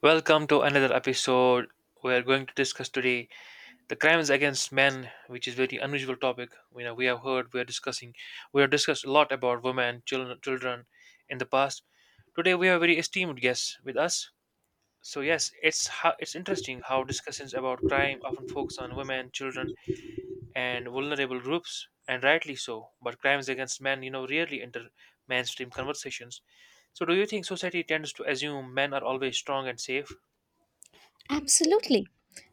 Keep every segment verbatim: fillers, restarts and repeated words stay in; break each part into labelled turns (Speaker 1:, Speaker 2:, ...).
Speaker 1: Welcome to another episode. We are going to discuss today the crimes against men, which is very unusual topic. You know, we have heard we are discussing, We have discussed a lot about women, children, children in the past. Today we have a very esteemed guest with us. So yes, it's how, it's interesting how discussions about crime often focus on women, children, and vulnerable groups, and rightly so. But crimes against men, you know, rarely enter mainstream conversations. So do you think society tends to assume men are always strong and safe?
Speaker 2: Absolutely.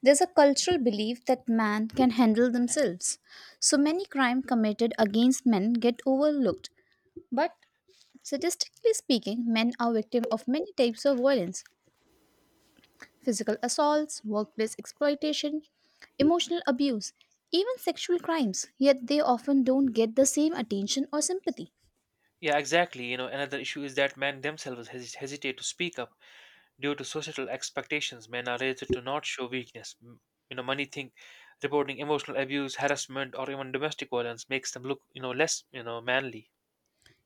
Speaker 2: There's a cultural belief that men can handle themselves. So many crimes committed against men get overlooked. But statistically speaking, men are victims of many types of violence physical assaults, workplace exploitation, emotional abuse, even sexual crimes, yet they often don't get the same attention or sympathy.
Speaker 1: Yeah, exactly. You know, another issue is that men themselves hes- hesitate to speak up due to societal expectations. Men are raised to not show weakness. M- You know, many think reporting emotional abuse, harassment, or even domestic violence makes them look, you know, less, you know, manly.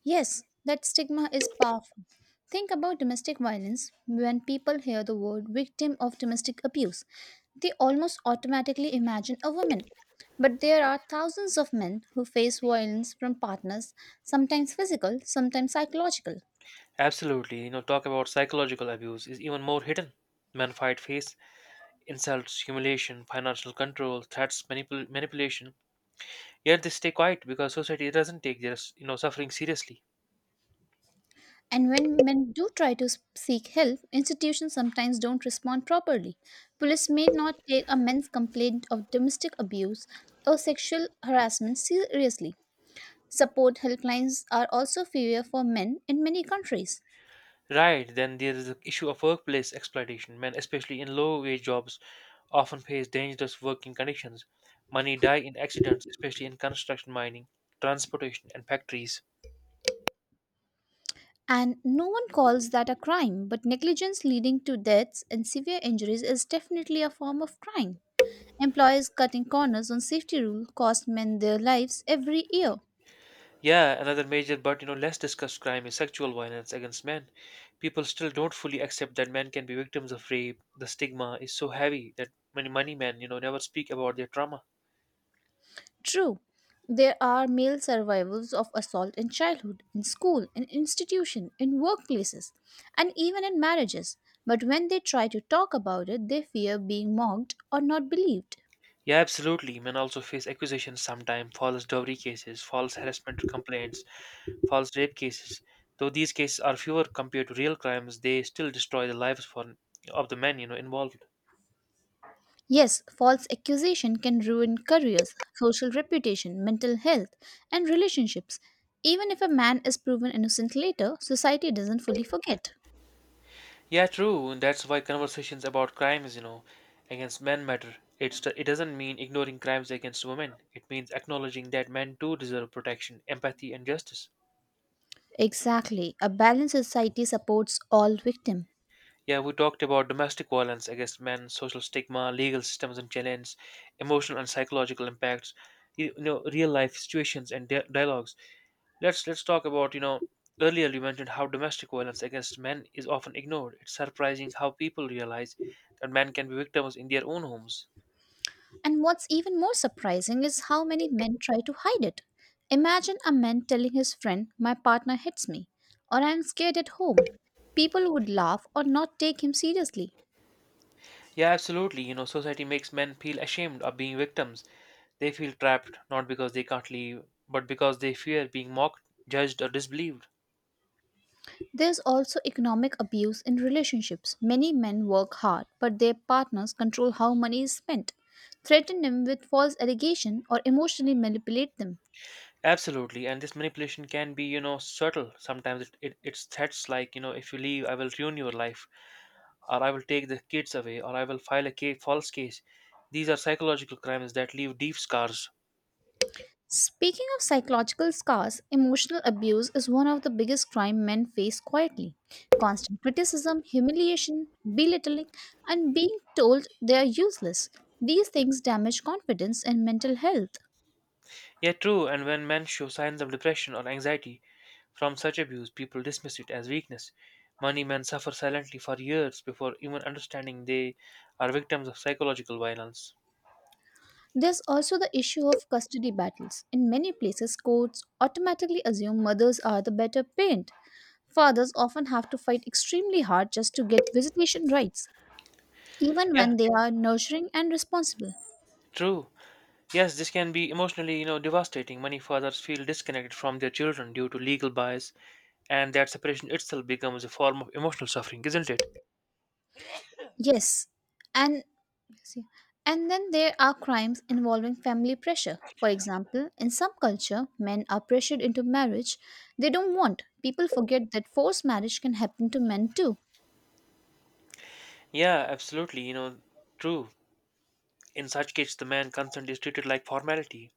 Speaker 2: Yes, that stigma is powerful. Think about domestic violence. When people hear the word victim of domestic abuse, they almost automatically imagine a woman. But there are thousands of men who face violence from partners, sometimes physical, sometimes psychological.
Speaker 1: Absolutely. You know, talk about psychological abuse is even more hidden. Men fight face insults, humiliation, financial control, threats, manipul- manipulation. Yet they stay quiet because society doesn't take their, you know, suffering seriously.
Speaker 2: And when men do try to s- seek help, institutions sometimes don't respond properly. Police may not take a man's complaint of domestic abuse or sexual harassment seriously. Support helplines are also fewer for men in many countries.
Speaker 1: Right, then there is the issue of workplace exploitation. Men, especially in low wage jobs, often face dangerous working conditions. Many die in accidents, especially in construction, mining, transportation, and factories.
Speaker 2: And no one calls that a crime, but negligence leading to deaths and severe injuries is definitely a form of crime. Employers cutting corners on safety rules cost men their lives every year.
Speaker 1: Yeah, another major but you know less discussed crime is sexual violence against men. People still don't fully accept that men can be victims of rape. The stigma is so heavy that many many men, you know, never speak about their trauma.
Speaker 2: True, there are male survivors of assault in childhood, in school, in institution, in workplaces, and even in marriages. But when they try to talk about it, they fear being mocked or not believed.
Speaker 1: Yeah, absolutely. Men also face accusations sometimes, false dowry cases, false harassment complaints, false rape cases. Though these cases are fewer compared to real crimes, they still destroy the lives for, of the men, you know, involved.
Speaker 2: Yes, false accusation can ruin careers, social reputation, mental health, and relationships. Even if a man is proven innocent later, society doesn't fully forget.
Speaker 1: Yeah, true. And That's why conversations about crimes, you know, against men matter. It's it doesn't mean ignoring crimes against women. It means acknowledging that men too deserve protection, empathy, and justice.
Speaker 2: Exactly, a balanced society supports all victims.
Speaker 1: Yeah, we talked about domestic violence against men, social stigma, legal systems and challenges, emotional and psychological impacts, you you know, real life situations and dia- dialogues. Let's let's talk about you know earlier you mentioned how domestic violence against men is often ignored. It's surprising how people realize that men can be victims in their own homes.
Speaker 2: And what's even more surprising is how many men try to hide it. Imagine a man telling his friend, "My partner hits me," or "I'm scared at home." People would laugh or not take him seriously.
Speaker 1: Yeah, absolutely. You know, society makes men feel ashamed of being victims. They feel trapped not because they can't leave, but because they fear being mocked, judged, or disbelieved.
Speaker 2: There's also economic abuse in relationships. Many men work hard, but their partners control how money is spent, threaten them with false allegation, or emotionally manipulate them.
Speaker 1: Absolutely, and this manipulation can be, you know, subtle. Sometimes it, it, it's threats like, you know, if you leave, I will ruin your life, or I will take the kids away, or I will file a ca- false case. These are psychological crimes that leave deep scars.
Speaker 2: Speaking of psychological scars, emotional abuse is one of the biggest crime men face quietly. Constant criticism, humiliation, belittling, and being told they are useless. These things damage confidence and mental health.
Speaker 1: Yeah, true, and when men show signs of depression or anxiety from such abuse, people dismiss it as weakness. Many men suffer silently for years before even understanding they are victims of psychological violence.
Speaker 2: There's also the issue of custody battles. In many places, courts automatically assume mothers are the better parent. Fathers often have to fight extremely hard just to get visitation rights, even
Speaker 1: Yeah,
Speaker 2: when they are nurturing and responsible.
Speaker 1: true. Yes, this can be emotionally, you know, devastating. Many fathers feel disconnected from their children due to legal bias, and that separation itself becomes a form of emotional suffering, isn't it?
Speaker 2: Yes, and see. And then there are crimes involving family pressure. For example, in some culture, men are pressured into marriage they don't want. People forget that forced marriage can happen to men too.
Speaker 1: Yeah, absolutely. You know, true. In such case, the man consent is treated like formality,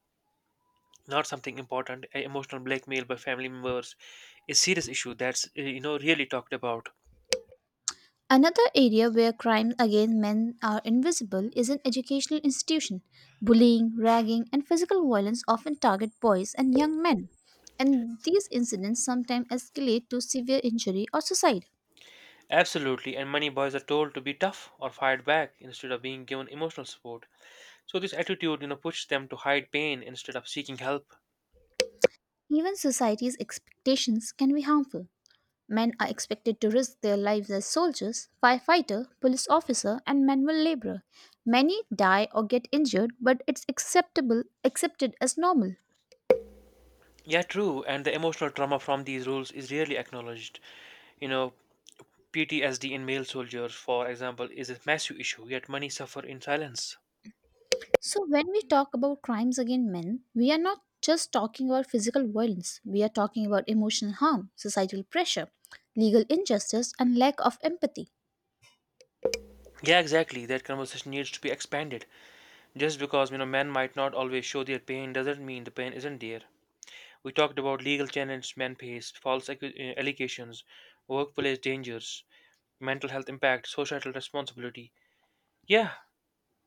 Speaker 1: not something important. A emotional blackmail by family members is serious issue that's uh, you know really talked about.
Speaker 2: Another area where crimes against men are invisible is in educational institutions. Bullying, ragging, and physical violence often target boys and young men, and these incidents sometimes escalate to severe injury or suicide.
Speaker 1: Absolutely, and many boys are told to be tough or fight back instead of being given emotional support. So this attitude, you know, pushes them to hide pain instead of seeking help.
Speaker 2: Even society's expectations can be harmful. Men are expected to risk their lives as soldiers, firefighter, police officer, and manual laborer. Many die or get injured, but it's acceptable accepted as normal.
Speaker 1: Yeah, true. And the emotional trauma from these rules is rarely acknowledged. You know, P T S D in male soldiers, for example, is a massive issue, yet many suffer in silence.
Speaker 2: So, when we talk about crimes against men, we are not just talking about physical violence, we are talking about emotional harm, societal pressure, legal injustice, and lack of empathy.
Speaker 1: Yeah, exactly. That conversation needs to be expanded. Just because, you know, men might not always show their pain doesn't mean the pain isn't there. We talked about legal challenges men face, false accu- uh, allegations, workplace dangers, mental health impact, societal responsibility. Yeah,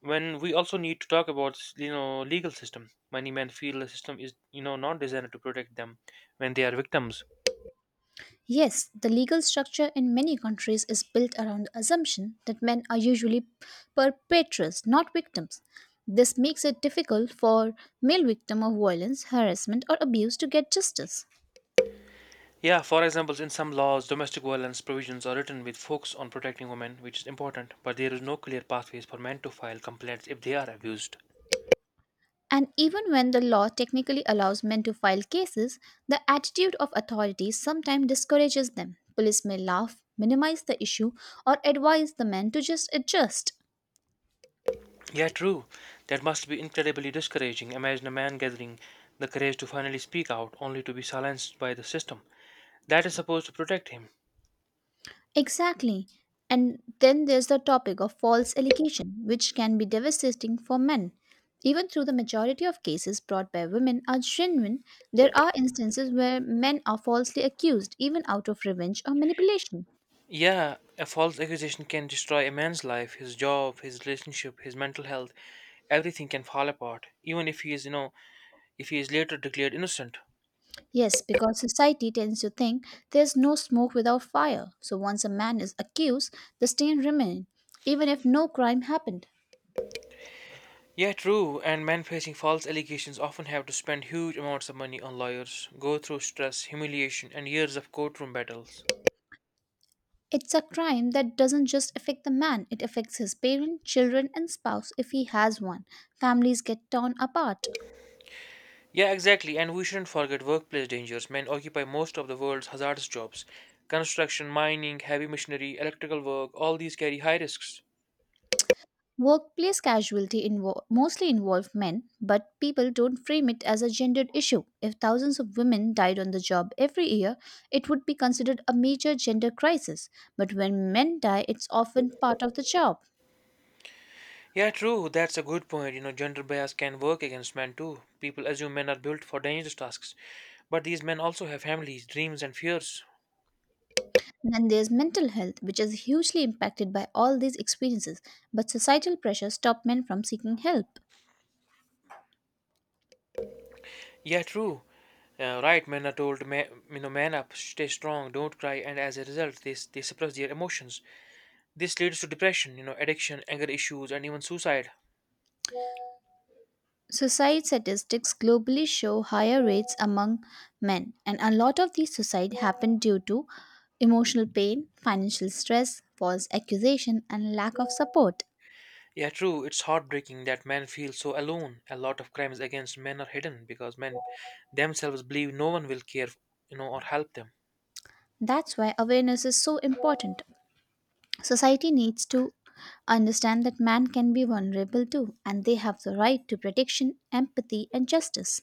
Speaker 1: when we also need to talk about you know legal system. Many men feel the system is you know not designed to protect them when they are victims.
Speaker 2: Yes, the legal structure in many countries is built around the assumption that men are usually perpetrators, not victims. This makes it difficult for male victims of violence, harassment, or abuse to get justice.
Speaker 1: Yeah, for example, in some laws domestic violence provisions are written with focus on protecting women, which is important, but there is no clear pathways for men to file complaints if they are abused.
Speaker 2: And even when the law technically allows men to file cases, the attitude of authorities sometimes discourages them. Police may laugh, minimize the issue, or advise the men to just adjust.
Speaker 1: Yeah, true. That must be incredibly discouraging. Imagine a man gathering the courage to finally speak out only to be silenced by the system that is supposed to protect him.
Speaker 2: Exactly. And then there's the topic of false allegation, which can be devastating for men. Even though the majority of cases brought by women are genuine, there are instances where men are falsely accused, even out of revenge or manipulation.
Speaker 1: Yeah, a false accusation can destroy a man's life, his job, his relationship, his mental health. Everything can fall apart, even if he is, you know, if he is later declared innocent.
Speaker 2: Yes, because society tends to think there's no smoke without fire. So once a man is accused, the stain remains, even if no crime happened.
Speaker 1: Yeah, true, and men facing false allegations often have to spend huge amounts of money on lawyers, go through stress, humiliation, and years of courtroom battles.
Speaker 2: It's a crime that doesn't just affect the man, it affects his parents, children, and spouse if he has one. Families get torn apart.
Speaker 1: Yeah, exactly, and we shouldn't forget workplace dangers. Men occupy most of the world's hazardous jobs. Construction, mining, heavy machinery, electrical work, all these carry high risks.
Speaker 2: Workplace casualty invo- mostly involve men, but people don't frame it as a gendered issue. If thousands of women died on the job every year, it would be considered a major gender crisis. But when men die, it's often part of the job.
Speaker 1: Yeah, true. That's a good point. You know, gender bias can work against men too. People assume men are built for dangerous tasks, but these men also have families, dreams, and fears.
Speaker 2: Then there's mental health, which is hugely impacted by all these experiences, but societal pressure stop men from seeking help.
Speaker 1: Yeah, true. Uh, right, men are told, ma- you know, man up, stay strong, don't cry, and as a result, they, s- they suppress their emotions. This leads to depression, you know, addiction, anger issues, and even suicide.
Speaker 2: Suicide statistics globally show higher rates among men, and a lot of these suicide happen due to emotional pain, financial stress, false accusation, and lack of support.
Speaker 1: Yeah, true, it's heartbreaking that men feel so alone. A lot of crimes against men are hidden because men themselves believe no one will care, you know, or help them.
Speaker 2: That's why awareness is so important. Society needs to understand that man can be vulnerable too, and they have the right to protection, empathy, and justice.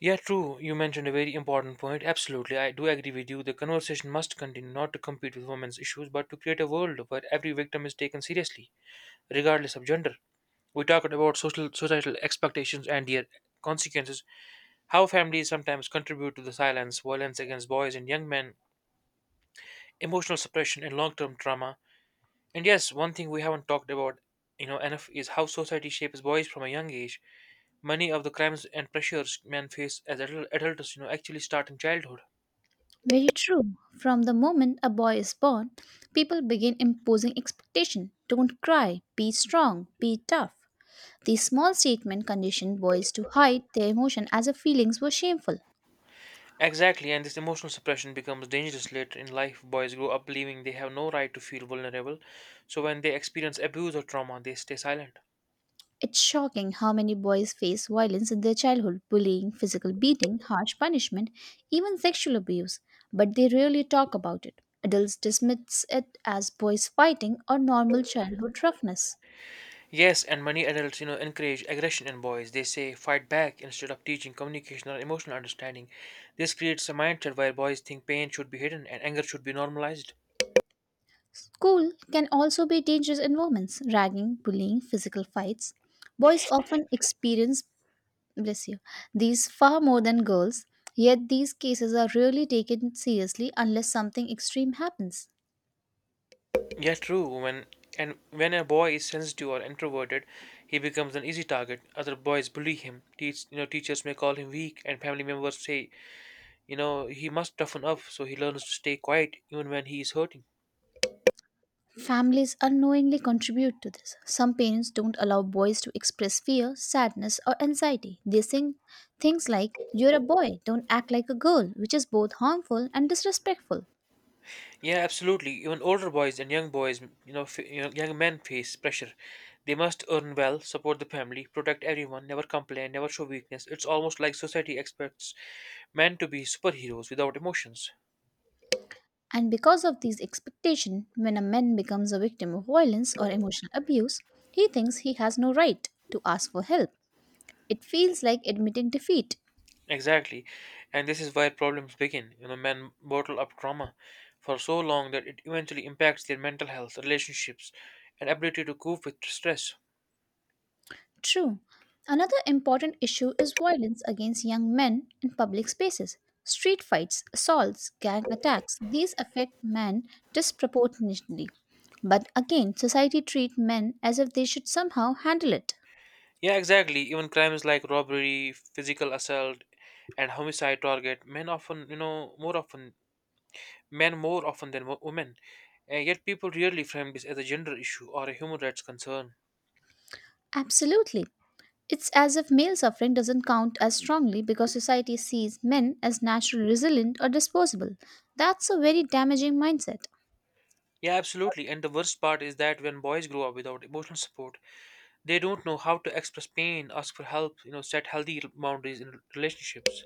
Speaker 1: Yeah, true. You mentioned a very important point. Absolutely. I do agree with you. The conversation must continue not to compete with women's issues, but to create a world where every victim is taken seriously, regardless of gender. We talked about social societal expectations and their consequences, how families sometimes contribute to the silence, violence against boys and young men, emotional suppression and long term trauma. And yes, one thing we haven't talked about you know enough is how society shapes boys from a young age. Many of the crimes and pressures men face as adult- adults, you know, actually start in childhood.
Speaker 2: Very true. From the moment a boy is born, people begin imposing expectation. Don't cry, be strong, be tough. This small statement conditioned boys to hide their emotion as if feelings were shameful.
Speaker 1: Exactly, and this emotional suppression becomes dangerous later in life. Boys grow up believing they have no right to feel vulnerable, so when they experience abuse or trauma, they stay silent.
Speaker 2: It's shocking how many boys face violence in their childhood bullying, physical beating, harsh punishment, even sexual abuse but they rarely talk about it. Adults dismiss it as boys fighting or normal childhood roughness.
Speaker 1: Yes, and many adults, you know, encourage aggression in boys. They say fight back instead of teaching communication or emotional understanding. This creates a mindset where boys think pain should be hidden and anger should be normalized.
Speaker 2: School can also be dangerous environments, ragging, bullying, physical fights. Boys often experience bless you. These far more than girls, yet these cases are rarely taken seriously unless something extreme happens.
Speaker 1: Yeah, true. When And when a boy is sensitive or introverted, he becomes an easy target. Other boys bully him. Teach, you know, teachers may call him weak, and family members say, you know, he must toughen up, so he learns to stay quiet even when he is hurting.
Speaker 2: Families unknowingly contribute to this. Some parents don't allow boys to express fear, sadness, or anxiety. They sing things like, "You're a boy, don't act like a girl," which is both harmful and disrespectful.
Speaker 1: Yeah, absolutely. Even older boys and young boys, you know, f- you know, young men face pressure. They must earn well, support the family, protect everyone, never complain, never show weakness. It's almost like society expects men to be superheroes without emotions.
Speaker 2: And because of these expectations, when a man becomes a victim of violence or emotional abuse, he thinks he has no right to ask for help. It feels like admitting defeat.
Speaker 1: Exactly. And this is where problems begin. You know, men bottle up trauma for so long that it eventually impacts their mental health, relationships, and ability to cope with stress.
Speaker 2: True. Another important issue is violence against young men in public spaces. Street fights, assaults, gang attacks, these affect men disproportionately. But again, society treats men as if they should somehow handle it.
Speaker 1: Yeah, exactly. Even crimes like robbery, physical assault, and homicide target men often, you know, more often men more often than wo- women. And yet people rarely frame this as a gender issue or a human rights concern.
Speaker 2: Absolutely. It's as if male suffering doesn't count as strongly because society sees men as naturally resilient or disposable. That's a very damaging mindset.
Speaker 1: Yeah, absolutely. And the worst part is that when boys grow up without emotional support, they don't know how to express pain, ask for help, you know, set healthy r- boundaries in relationships.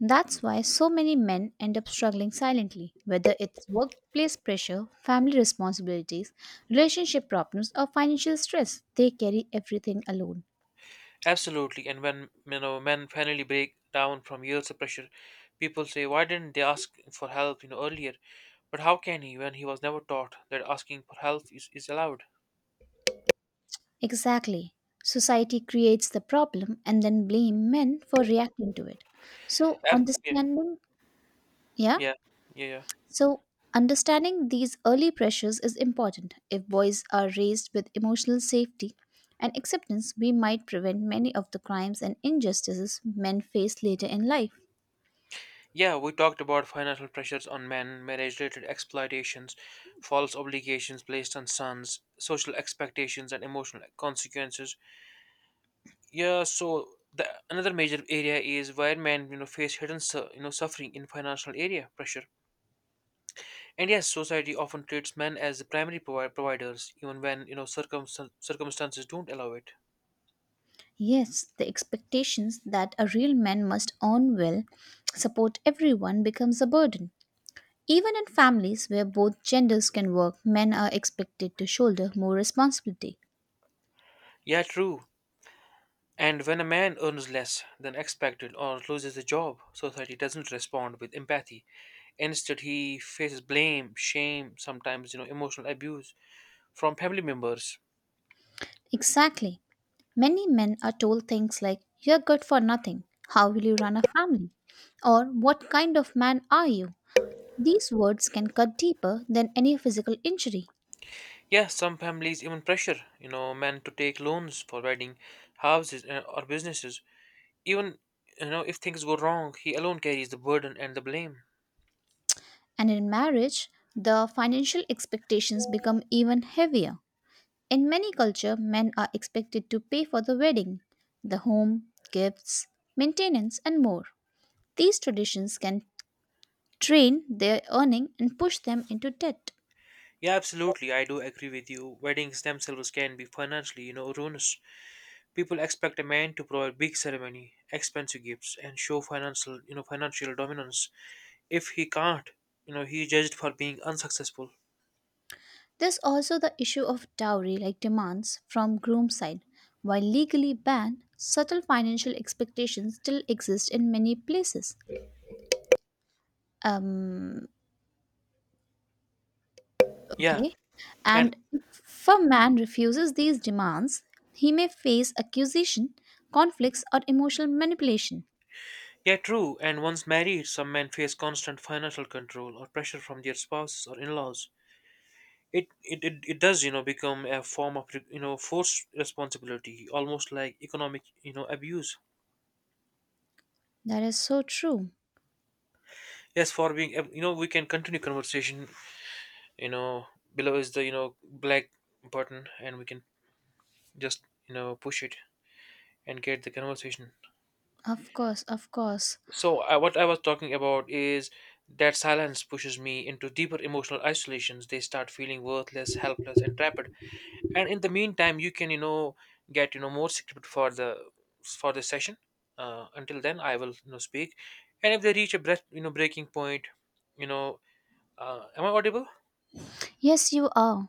Speaker 2: That's why so many men end up struggling silently, whether it's workplace pressure, family responsibilities, relationship problems, or financial stress. They carry everything alone.
Speaker 1: Absolutely. And when you know men finally break down from years of pressure, people say, "Why didn't they ask for help, you know, earlier?" But how can he when he was never taught that asking for help is, is allowed?
Speaker 2: Exactly. Society creates the problem and then blame men for reacting to it. So,
Speaker 1: Ab- yeah,
Speaker 2: understanding, yeah?
Speaker 1: yeah, yeah, yeah.
Speaker 2: So, understanding these early pressures is important. If boys are raised with emotional safety and acceptance, we might prevent many of the crimes and injustices men face later in life.
Speaker 1: Yeah, we talked about financial pressures on men, marriage-related exploitations, false obligations placed on sons, social expectations, and emotional consequences. Yeah, so the another major area is where men, you know, face hidden, su- you know, suffering in financial area pressure. India's society often treats men as the primary provi- providers, even when you know circumstan- circumstances don't allow it.
Speaker 2: Yes, the expectations that a real man must earn well, support everyone becomes a burden. Even in families where both genders can work, men are expected to shoulder more responsibility.
Speaker 1: Yeah, true. And when a man earns less than expected or loses a job, society doesn't respond with empathy. Instead, he faces blame, shame, sometimes you know emotional abuse from family members.
Speaker 2: Exactly. Many men are told things like, "You're good for nothing. How will you run a family?" Or, "What kind of man are you?" These words can cut deeper than any physical injury.
Speaker 1: Yeah, some families even pressure you know men to take loans for wedding, houses, uh, or businesses. Even you know if things go wrong, he alone carries the burden and the blame.
Speaker 2: And in marriage, the financial expectations become even heavier. In many cultures, men are expected to pay for the wedding, the home, gifts, maintenance, and more. These traditions can train their earning and push them into debt.
Speaker 1: Yeah, absolutely. I do agree with you. Weddings themselves can be financially, you know, ruinous. People expect a man to provide big ceremony, expensive gifts, and show financial, you know, financial dominance. If he can't, you know, he is judged for being unsuccessful.
Speaker 2: There's also the issue of dowry like demands from groom's side. While legally banned, subtle financial expectations still exist in many places. Um,
Speaker 1: Yeah,
Speaker 2: okay.
Speaker 1: and
Speaker 2: And if a man refuses these demands, he may face accusation, conflicts, or emotional manipulation.
Speaker 1: yeah, true. And once married, some men face constant financial control or pressure from their spouses or in-laws. It it, it, it does, you know, become a form of, you know, forced responsibility, almost like economic, you know, abuse.
Speaker 2: That is so true.
Speaker 1: Yes, for being, ab- you know, we can continue conversation. you know Below is the you know black button, and we can just you know push it and get the conversation.
Speaker 2: Of course, of course.
Speaker 1: So, I, what i was talking about is that silence pushes me into deeper emotional isolations. They start feeling worthless, helpless, and trapped. And in the meantime, you can you know get you know more script for the for the session. Uh, until then i will you know speak. And if they reach a breath you know breaking point. You know uh, am i audible?
Speaker 2: Yes, you are.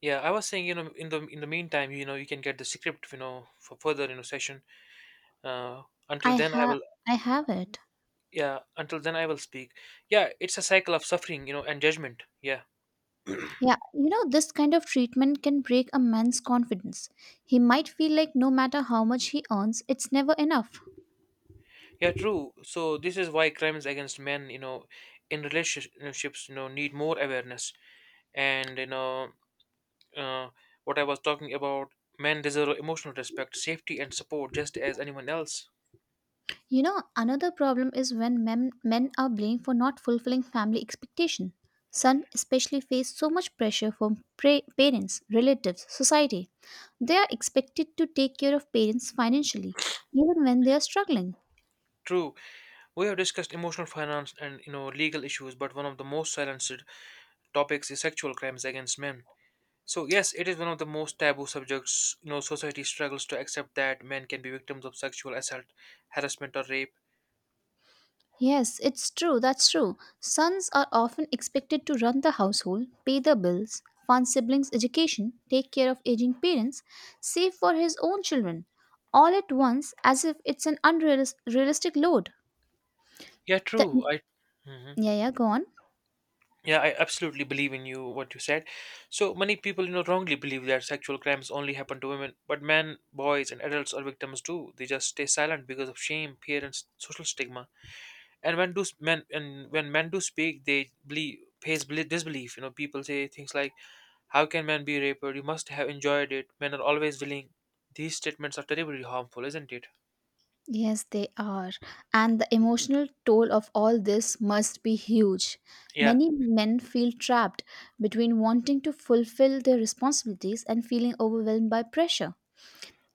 Speaker 1: Yeah, I was saying, you know, in the in the meantime, you know, you can get the script, you know, for further, you know, session. Uh, until
Speaker 2: I
Speaker 1: then, I
Speaker 2: have
Speaker 1: will,
Speaker 2: I have it.
Speaker 1: yeah, until then, I will speak. Yeah, it's a cycle of suffering, you know, and judgment. Yeah,
Speaker 2: Yeah, you know, this kind of treatment can break a man's confidence. He might feel like no matter how much he earns, it's never enough.
Speaker 1: yeah, true. So this is why crimes against men, you know, in relationships, you know, need more awareness. And, you know, uh, what I was talking about, men deserve emotional respect, safety, and support just as anyone else.
Speaker 2: You know, another problem is when men, men are blamed for not fulfilling family expectation. Sons especially face so much pressure from pra- parents, relatives, society. They are expected to take care of parents financially, even when they are struggling.
Speaker 1: True. We have discussed emotional finance and you know legal issues, but one of the most silenced topics is sexual crimes against men. So yes, it is one of the most taboo subjects. You know, society struggles to accept that men can be victims of sexual assault, harassment, or rape.
Speaker 2: Yes, it's true, that's true. Sons are often expected to run the household, pay the bills, fund siblings' education, take care of aging parents, save for his own children, all at once as if it's an unrealistic load.
Speaker 1: Yeah, true.
Speaker 2: The
Speaker 1: I Mhm.
Speaker 2: Yeah, yeah, go on.
Speaker 1: Yeah, I absolutely believe in you what you said. So many people, you know, wrongly believe that sexual crimes only happen to women, but men, boys, and adults are victims too. They just stay silent because of shame, fear, and s- social stigma. And when do s- men and when men do speak, they believe pays beli- disbelief. You know people say things like, "How can men be raped? You must have enjoyed it. Men are always willing." These statements are terribly harmful, isn't it?
Speaker 2: Yes, they are. And the emotional toll of all this must be huge.
Speaker 1: Yeah,
Speaker 2: Many men feel trapped between wanting to fulfill their responsibilities and feeling overwhelmed by pressure.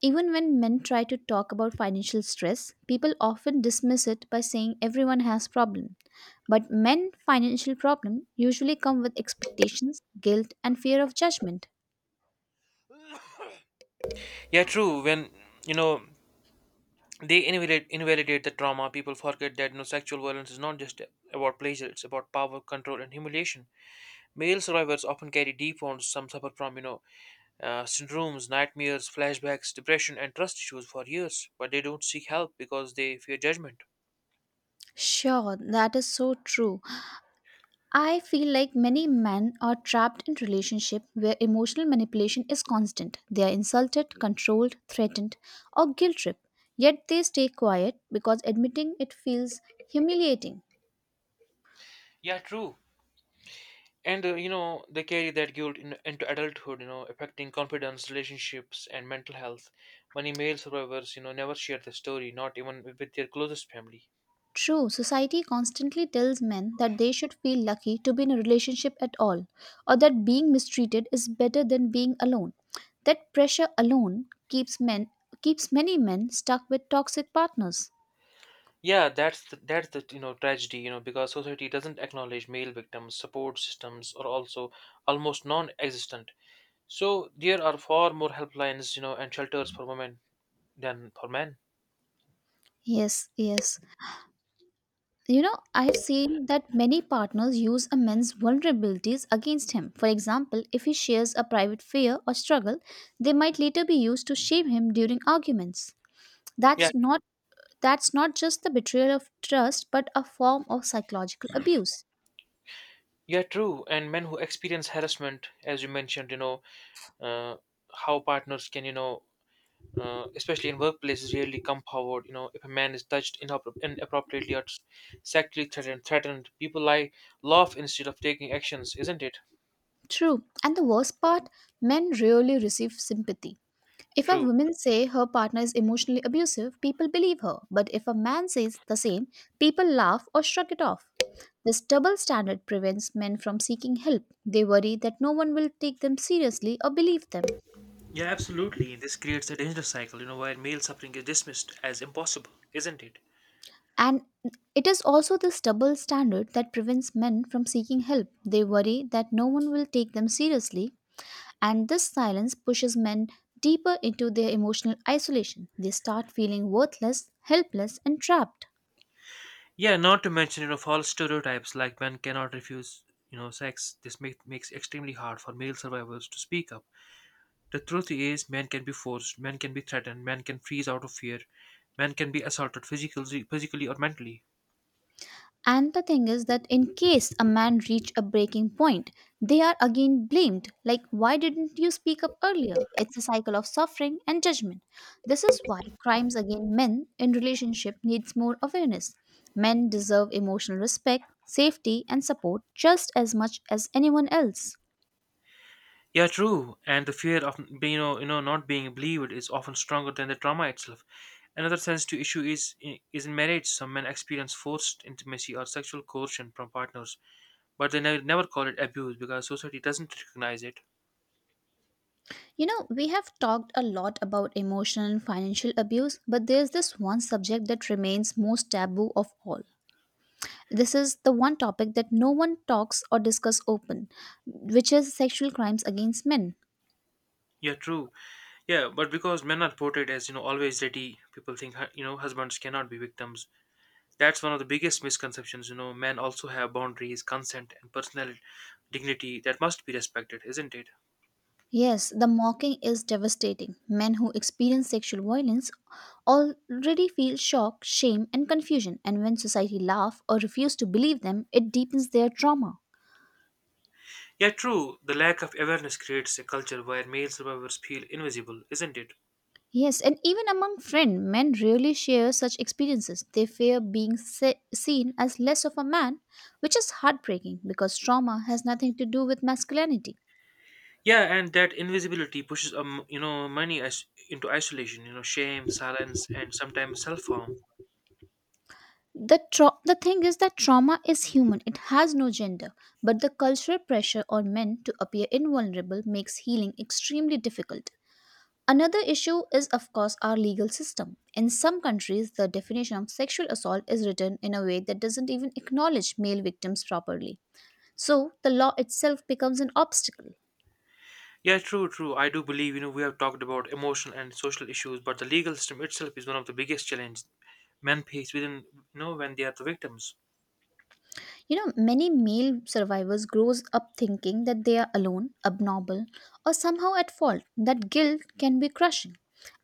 Speaker 2: Even when men try to talk about financial stress, people often dismiss it by saying everyone has problem. But men financial problem usually come with expectations, guilt and fear of judgment.
Speaker 1: yeah, true. When, you know they invalidate invalidate the trauma, people forget that no, sexual violence is not just about pleasure, it's about power, control, and humiliation. Male survivors often carry deep wounds. Some suffer from you know uh, syndromes, nightmares, flashbacks, depression, and trust issues for years, but they don't seek help because they fear judgment.
Speaker 2: Sure, that is so true. I feel like many men are trapped in relationship where emotional manipulation is constant. They are insulted, controlled, threatened or guilt tripped. Yet they stay quiet because admitting it feels humiliating.
Speaker 1: Yeah, true. And uh, you know, they carry that guilt in, into adulthood, you know, affecting confidence, relationships, and mental health. Many male survivors, you know, never share their story, not even with their closest family.
Speaker 2: True, society constantly tells men that they should feel lucky to be in a relationship at all, or that being mistreated is better than being alone. That pressure alone keeps men keeps many men stuck with toxic partners.
Speaker 1: Yeah, that's the, that's the you know tragedy, you know, because society doesn't acknowledge male victims, support systems are also almost non-existent. So there are far more helplines, you know, and shelters for women than for men.
Speaker 2: Yes, yes. You know, I have seen that many partners use a man's vulnerabilities against him. For example, if he shares a private fear or struggle, they might later be used to shame him during arguments.
Speaker 1: Yeah,
Speaker 2: That's not That's not just the betrayal of trust, but a form of psychological abuse.
Speaker 1: yeah, true. And men who experience harassment, as you mentioned, you know, uh, how partners can, you know, uh, especially in workplaces, really come forward. You know, if a man is touched inappro- inappropriately or sexually threatened, threatened, people lie, laugh instead of taking actions, isn't it?
Speaker 2: True. And the worst part, men rarely receive sympathy. If a
Speaker 1: True.
Speaker 2: woman say her partner is emotionally abusive, people believe her. But if a man says the same, people laugh or shrug it off. This double standard prevents men from seeking help. They worry that no one will take them seriously or believe them.
Speaker 1: Yeah, absolutely. This creates a dangerous cycle, you know, where male suffering is dismissed as impossible, isn't it?
Speaker 2: And it is also this double standard that prevents men from seeking help. They worry that no one will take them seriously. And this silence pushes men deeper into their emotional isolation. They start feeling worthless, helpless, and trapped.
Speaker 1: Yeah, not to mention, you know, false stereotypes like men cannot refuse, you know, sex. This make, makes extremely hard for male survivors to speak up. The truth is, men can be forced, men can be threatened, men can freeze out of fear, men can be assaulted physically, physically or mentally.
Speaker 2: And the thing is that in case a man reach a breaking point, they are again blamed like, why didn't you speak up earlier? It's a cycle of suffering and judgment. This is why crimes against men in relationship needs more awareness. Men deserve emotional respect, safety and support just as much as anyone else.
Speaker 1: Yeah, true. And the fear of you know, you know, not being believed is often stronger than the trauma itself. Another sensitive issue is is in marriage. Some men experience forced intimacy or sexual coercion from partners, but they ne- never call it abuse because society doesn't recognize it.
Speaker 2: You know, we have talked a lot about emotional and financial abuse, but there's this one subject that remains most taboo of all. This is the one topic that no one talks or discuss open, which is sexual crimes against men.
Speaker 1: Yeah, true. Yeah, but because men are portrayed as you know always ready, people think hu- you know husbands cannot be victims. That's one of the biggest misconceptions. You know, men also have boundaries, consent, and personal dignity that must be respected, isn't it?
Speaker 2: Yes, the mocking is devastating. Men who experience sexual violence already feel shock, shame, and confusion, and when society laugh or refuse to believe them, it deepens their trauma.
Speaker 1: Yeah, true. The lack of awareness creates a culture where male survivors feel invisible, isn't it?
Speaker 2: Yes, and even among friends, men rarely share such experiences. They fear being se- seen as less of a man, which is heartbreaking because trauma has nothing to do with masculinity.
Speaker 1: Yeah, and that invisibility pushes um, you know, many is- into isolation. You know, shame, silence, and sometimes self-harm.
Speaker 2: The, tra- the thing is that trauma is human, it has no gender, but the cultural pressure on men to appear invulnerable makes healing extremely difficult. Another issue is, of course, our legal system. In some countries, the definition of sexual assault is written in a way that doesn't even acknowledge male victims properly, so the law itself becomes an obstacle.
Speaker 1: Yeah, true, true. I do believe you know we have talked about emotional and social issues, but the legal system itself is one of the biggest challenges men face within you know when they are the victims.
Speaker 2: You know, many male survivors grows up thinking that they are alone, abnormal, or somehow at fault. That guilt can be crushing,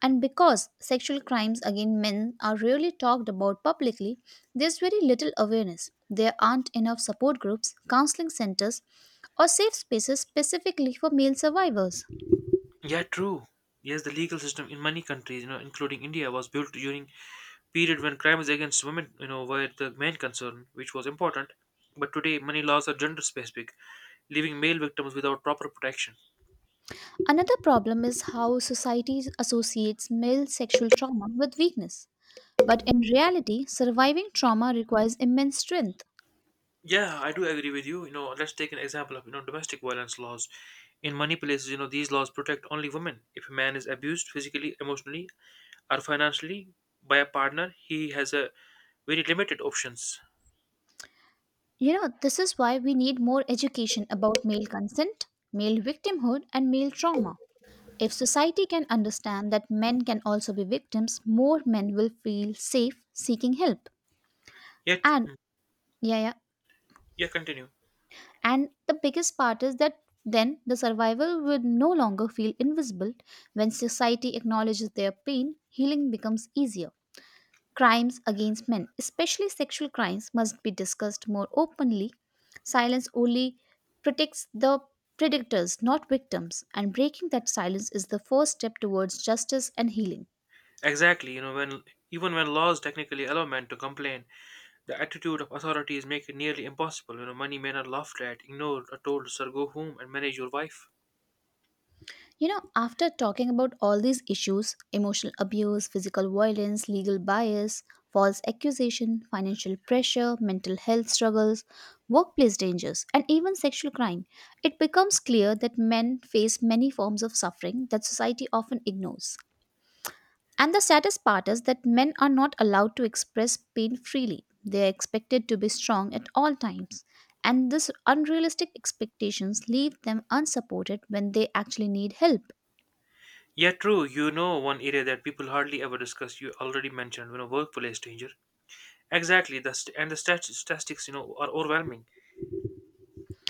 Speaker 2: and because sexual crimes against men are rarely talked about publicly, there's very little awareness. There aren't enough support groups, counseling centers, or safe spaces specifically for male survivors.
Speaker 1: Yeah, true. Yes, the legal system in many countries, you know, including India, was built during period when crimes against women, you know, were the main concern, which was important. But today, many laws are gender specific, leaving male victims without proper protection.
Speaker 2: Another problem is how society associates male sexual trauma with weakness. But in reality, surviving trauma requires immense strength.
Speaker 1: Yeah, I do agree with you. You know, let's take an example of you know domestic violence laws. In many places, you know, these laws protect only women. If a man is abused physically, emotionally, or financially by a partner, he has a very limited options.
Speaker 2: You know, this is why we need more education about male consent, male victimhood, and male trauma. If society can understand that men can also be victims, more men will feel safe seeking help.
Speaker 1: Yet,
Speaker 2: And
Speaker 1: mm,
Speaker 2: yeah, yeah.
Speaker 1: yeah, continue.
Speaker 2: And the biggest part is that then the survivor will no longer feel invisible. When society acknowledges their pain, healing becomes easier. Crimes against men, especially sexual crimes, must be discussed more openly. Silence only protects the predators, not victims, and breaking that silence is the first step towards justice and healing.
Speaker 1: Exactly, you know, when even when laws technically allow men to complain, the attitude of authorities make it nearly impossible. You know, many men are laughed at, ignored, or told, "Sir, go home and manage your wife."
Speaker 2: You know, after talking about all these issues: emotional abuse, physical violence, legal bias, false accusation, financial pressure, mental health struggles, workplace dangers, and even sexual crime, it becomes clear that men face many forms of suffering that society often ignores. And the saddest part is that men are not allowed to express pain freely. They are expected to be strong at all times. And these unrealistic expectations leave them unsupported when they actually need help.
Speaker 1: Yeah, true. You know, one area that people hardly ever discuss. You already mentioned, you know, workplace danger. Exactly. The st- and the stat- statistics, you know, are overwhelming.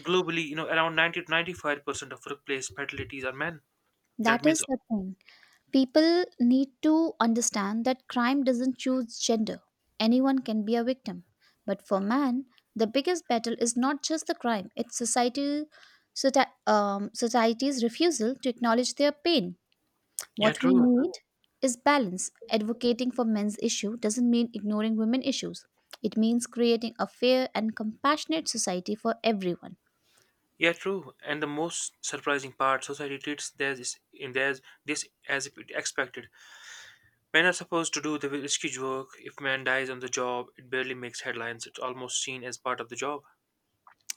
Speaker 1: Globally, you know, around ninety to ninety-five percent of workplace fatalities are men. That
Speaker 2: That
Speaker 1: means,
Speaker 2: is the thing. People need to understand that crime doesn't choose gender. Anyone can be a victim. But for man, the biggest battle is not just the crime, it's society, society um, society's refusal to acknowledge their pain.
Speaker 1: yeah,
Speaker 2: What we
Speaker 1: true.
Speaker 2: need is balance. Advocating for men's issue doesn't mean ignoring women issues. It means creating a fair and compassionate society for everyone.
Speaker 1: Yeah, true. And the most surprising part, society treats theirs is- in theirs this as if it expected. Men are supposed to do the risky work. If man dies on the job, it barely makes headlines. It's almost seen as part of the job.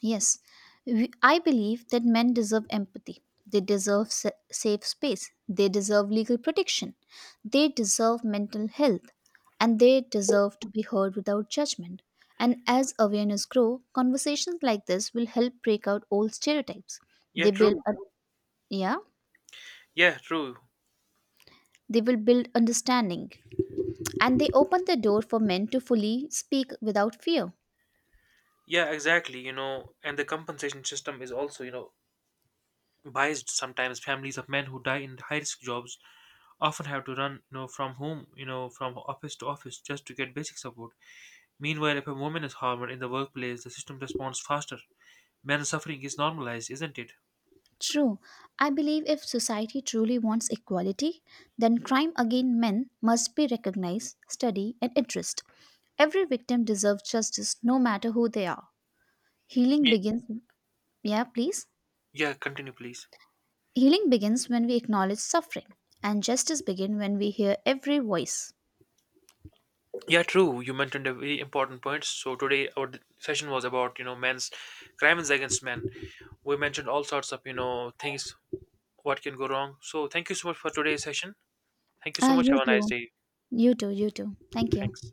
Speaker 2: Yes, we- I believe that men deserve empathy. They deserve sa- safe space. They deserve legal protection. They deserve mental health. And they deserve to be heard without judgment. And as awareness grows, conversations like this will help break out old stereotypes.
Speaker 1: Yeah,
Speaker 2: They build
Speaker 1: true.
Speaker 2: a yeah.
Speaker 1: Yeah, true.
Speaker 2: They will build understanding and they open the door for men to fully speak without fear.
Speaker 1: Yeah, exactly. You know, and the compensation system is also, you know, biased. Sometimes families of men who die in high risk jobs often have to run, you know, from home, you know, from office to office just to get basic support. Meanwhile, if a woman is harmed in the workplace, the system responds faster. Men's suffering is normalized, isn't it?
Speaker 2: True, I believe if society truly wants equality, then crime against men must be recognized, studied, and addressed. Every victim deserves justice no matter who they are. Healing
Speaker 1: Ye-
Speaker 2: begins, yeah, please.
Speaker 1: Yeah, continue, please.
Speaker 2: Healing begins when we acknowledge suffering, and justice begins when we hear every voice.
Speaker 1: Yeah, true. You mentioned a very important point. So today our d- session was about you know men's crimes against men. We mentioned all sorts of you know things what can go wrong. So thank you so much for today's session. Thank you so
Speaker 2: Ah,
Speaker 1: much.
Speaker 2: you
Speaker 1: Have a nice
Speaker 2: too.
Speaker 1: day.
Speaker 2: You too, you too. Thank you.
Speaker 1: Thanks.